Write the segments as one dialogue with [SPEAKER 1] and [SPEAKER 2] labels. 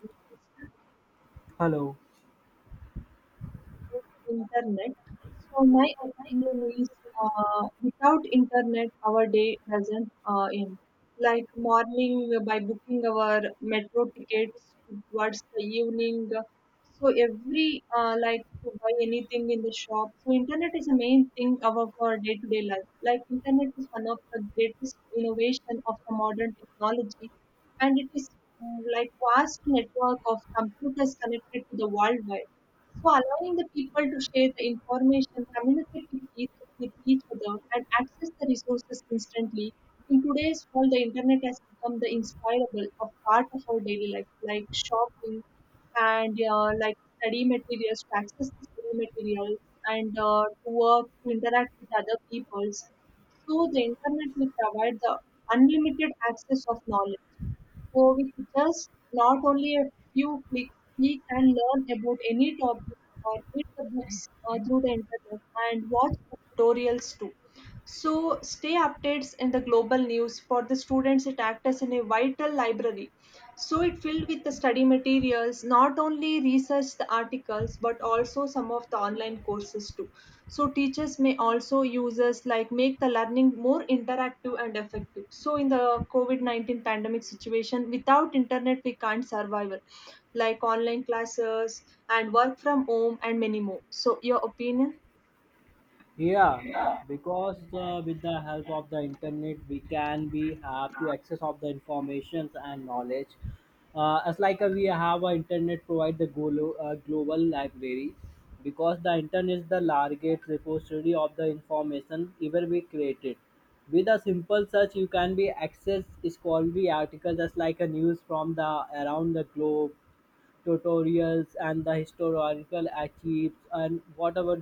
[SPEAKER 1] Interested
[SPEAKER 2] Hello.
[SPEAKER 1] with internet. So my opinion is, without internet, our day doesn't end. Like morning by booking our metro tickets towards the evening. So every like to buy anything in the shop. So internet is the main thing of our day-to-day life. Like internet is one of the greatest innovation of the modern technology, and it is like vast network of computers connected to the world. So allowing the people to share the information, communicate with each other, and access the resources instantly. In today's world, the internet has become the inspirable of part of our daily life, like shopping and like study materials, to access the study materials, and to work, to interact with other peoples. So the internet will provide the unlimited access of knowledge. So with just not only a few clicks, we can learn about any topic or read the books through the internet and watch the tutorials too. So stay updates in the global news for the students. It acts as in a vital library, so it filled with the study materials, not only research the articles, but also some of the online courses too. So teachers may also users like make the learning more interactive and effective. So in the COVID-19 pandemic situation, without internet, we can't survive it, like online classes and work from home and many more. So your opinion?
[SPEAKER 2] Yeah, because with the help of the internet, we have to access of the informations and knowledge. As like we have a internet provide the global library, because the internet is the largest repository of the information ever we created. With a simple search, you can be access scholarly articles just like a news from the around the globe, tutorials and the historical archives and whatever,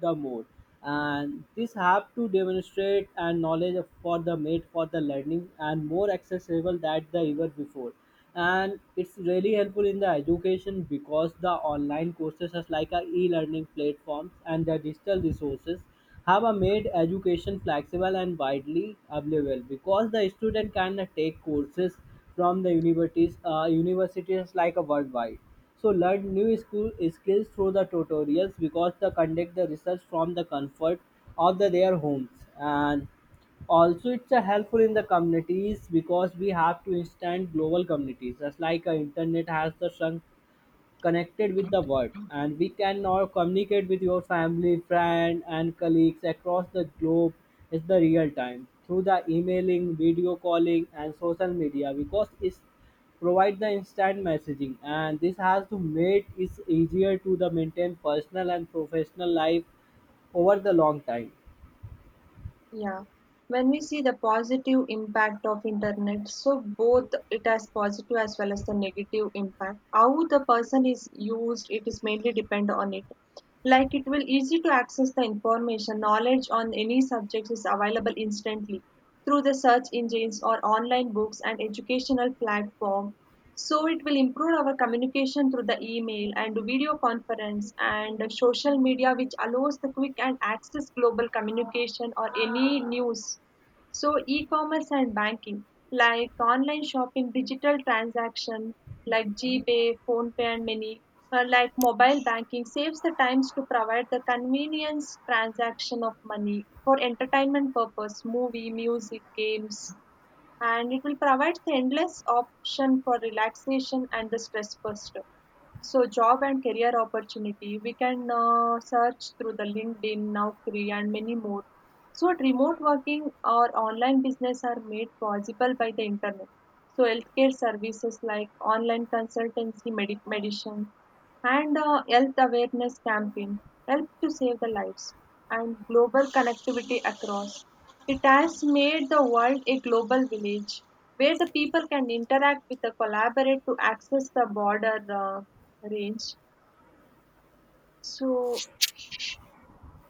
[SPEAKER 2] the more, and this have to demonstrate and knowledge for the made for the learning and more accessible than the ever before. And it's really helpful in the education because the online courses such like a e-learning platforms and the digital resources have a made education flexible and widely available because the student can take courses from the universities like a worldwide. So learn new school skills through the tutorials because they conduct the research from the comfort of their homes. And also it's a helpful in the communities because we have to instant global communities just like internet has the shrunk connected with the world, and we can now communicate with your family friend and colleagues across the globe, is the real time through the emailing, video calling and social media because it's provide the instant messaging, and this has to make it easier to the maintain personal and professional life over the long time.
[SPEAKER 1] Yeah. When we see the positive impact of internet, so both it has positive as well as the negative impact. How the person is used, it is mainly depend on it. Like it will easy to access the information, knowledge on any subject is available instantly through the search engines or online books and educational platform. So it will improve our communication through the email and video conference and social media, which allows the quick and access global communication or any news. So e-commerce and banking, like online shopping, digital transaction, like GPay, PhonePe, and many, like mobile banking, saves the times to provide the convenience transaction of money for entertainment purpose, movie, music, games, and it will provide endless option for relaxation and the stress buster. So job and career opportunity, we can search through the LinkedIn, Naukri and many more. So, remote working or online business are made possible by the internet. So, healthcare services like online consultancy, medicine, and health awareness campaign help to save the lives and global connectivity across. It has made the world a global village where the people can interact with the collaborate to access the border range. So,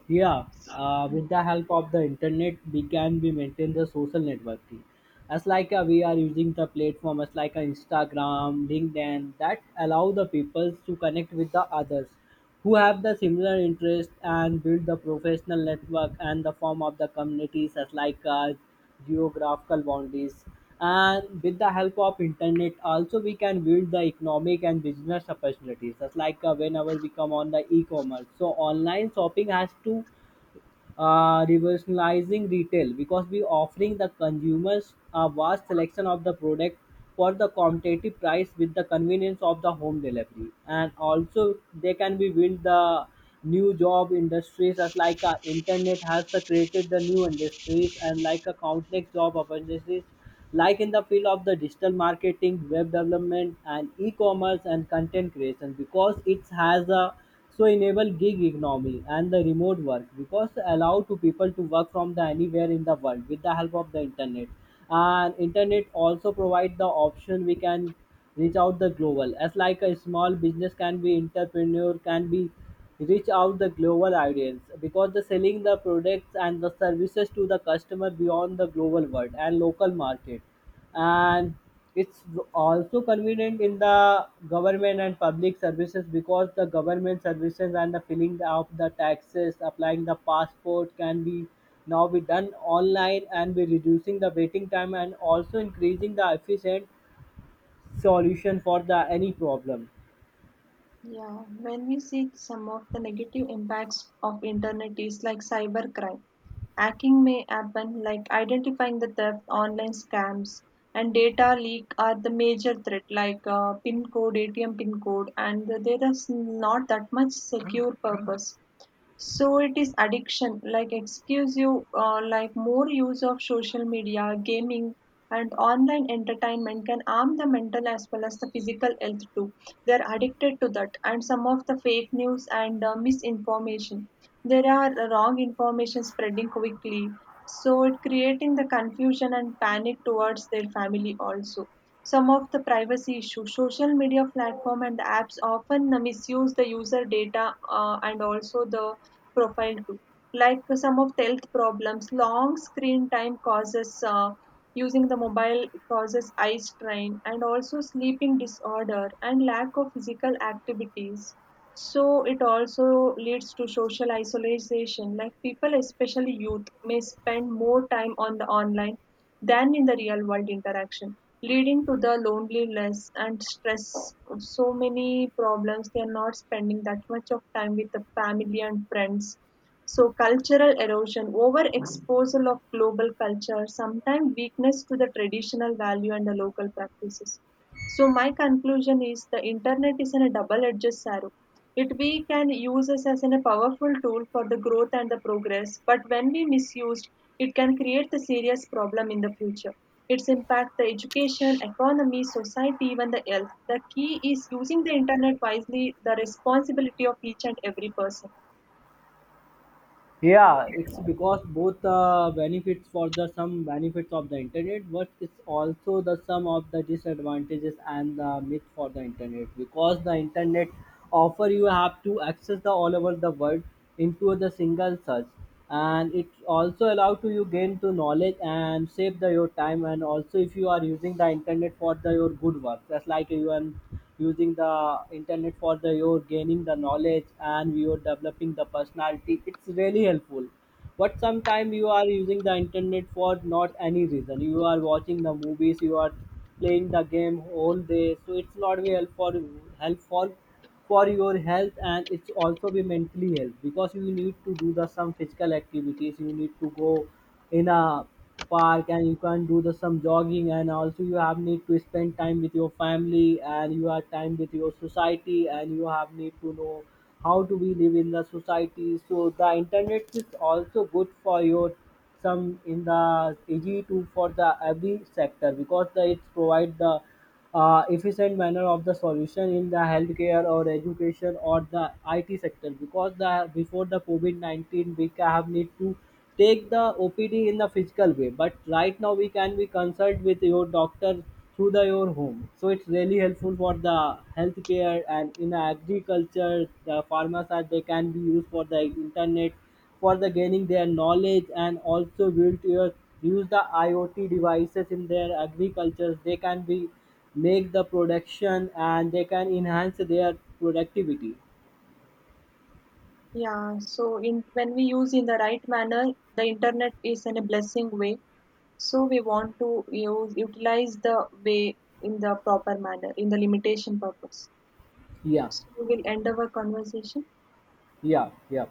[SPEAKER 2] Yeah, with the help of the internet, we can be maintain the social networking. As like we are using the platform, as like Instagram, LinkedIn, that allow the people to connect with the others who have the similar interest and build the professional network and the form of the communities as like geographical boundaries. And with the help of internet also we can build the economic and business opportunities. That's like whenever we come on the e-commerce, so online shopping has to revolutionizing retail because we offering the consumers a vast selection of the product for the competitive price with the convenience of the home delivery, and also they can be build the new job industries, as like internet has the created the new industries and like a countless job opportunities, like in the field of the digital marketing, web development, and e-commerce and content creation, because it has a so enable gig economy and the remote work because allow to people to work from the anywhere in the world with the help of the internet. And internet also provide the option we can reach out the global, as like a small business can be entrepreneur can be reach out the global audience because the selling the products and the services to the customer beyond the global world and local market. And it's also convenient in the government and public services because the government services and the filling of the taxes, applying the passport can be now be done online and be reducing the waiting time and also increasing the efficient solution for the any problem.
[SPEAKER 1] yeah, when we see some of the negative impacts of internet is like cybercrime. Hacking may happen like identifying the theft, online scams, and data leak are the major threat like pin code, ATM pin code, and there is not that much secure purpose. So it is addiction, like exclusive, like more use of social media, gaming, and online entertainment can harm the mental as well as the physical health too. They are addicted to that, and some of the fake news and misinformation. There are wrong information spreading quickly, so it creating the confusion and panic towards their family also. Some of the privacy issues, social media platform and apps often misuse the user data, and also the profile too. Like some of the health problems, long screen time causes using the mobile causes eye strain and also sleeping disorder and lack of physical activities. So it also leads to social isolation. Like people, especially youth, may spend more time on the online than in the real world interaction, leading to the loneliness and stress. So many problems. They are not spending that much of time with the family and friends, so cultural erosion, overexposure of global culture, sometimes weakness to the traditional value and the local practices. So my conclusion is the internet is in a double-edged sword. It we can use us as in a powerful tool for the growth and the progress, but when we misused, it can create the serious problem in the future. Its impact the education, economy, society, even the health. The key is using the internet wisely, the responsibility of each and every person.
[SPEAKER 2] Yeah, it's because both benefits for the some benefits of the internet, but it's also the sum of the disadvantages and the myth for the internet. Because the internet offer you have to access the all over the world into the single search, and it also allow to you gain to knowledge and save the your time. And also if you are using the internet for the your good work, that's like you are using the internet for the your gaining the knowledge and you are developing the personality, it's really helpful. But sometimes you are using the internet for not any reason, you are watching the movies, you are playing the game all day, so it's not be helpful for your health. And it's also be mentally health because you need to do the some physical activities. You need to go in a park and you can do the some jogging. And also you have need to spend time with your family and you have time with your society, and you have need to know how do we live in the society. So the internet is also good for your some in the ag2 for the every sector because it provide the efficient manner of the solution in the healthcare or education or the IT sector, because the before the COVID-19 we have need to take the OPD in the physical way, but right now we can be consult with your doctor through the your home. So it's really helpful for the healthcare. And in agriculture, the farmers are they can be used for the internet for the gaining their knowledge and also build your use the IoT devices in their agriculture. They can be make the production and they can enhance their productivity.
[SPEAKER 1] Yeah, so in when we use in the right manner, the internet is in a blessing way. So we want to use utilize the way in the proper manner, in the limitation purpose.
[SPEAKER 2] Yeah,
[SPEAKER 1] So we will end our conversation.
[SPEAKER 2] yeah, yeah.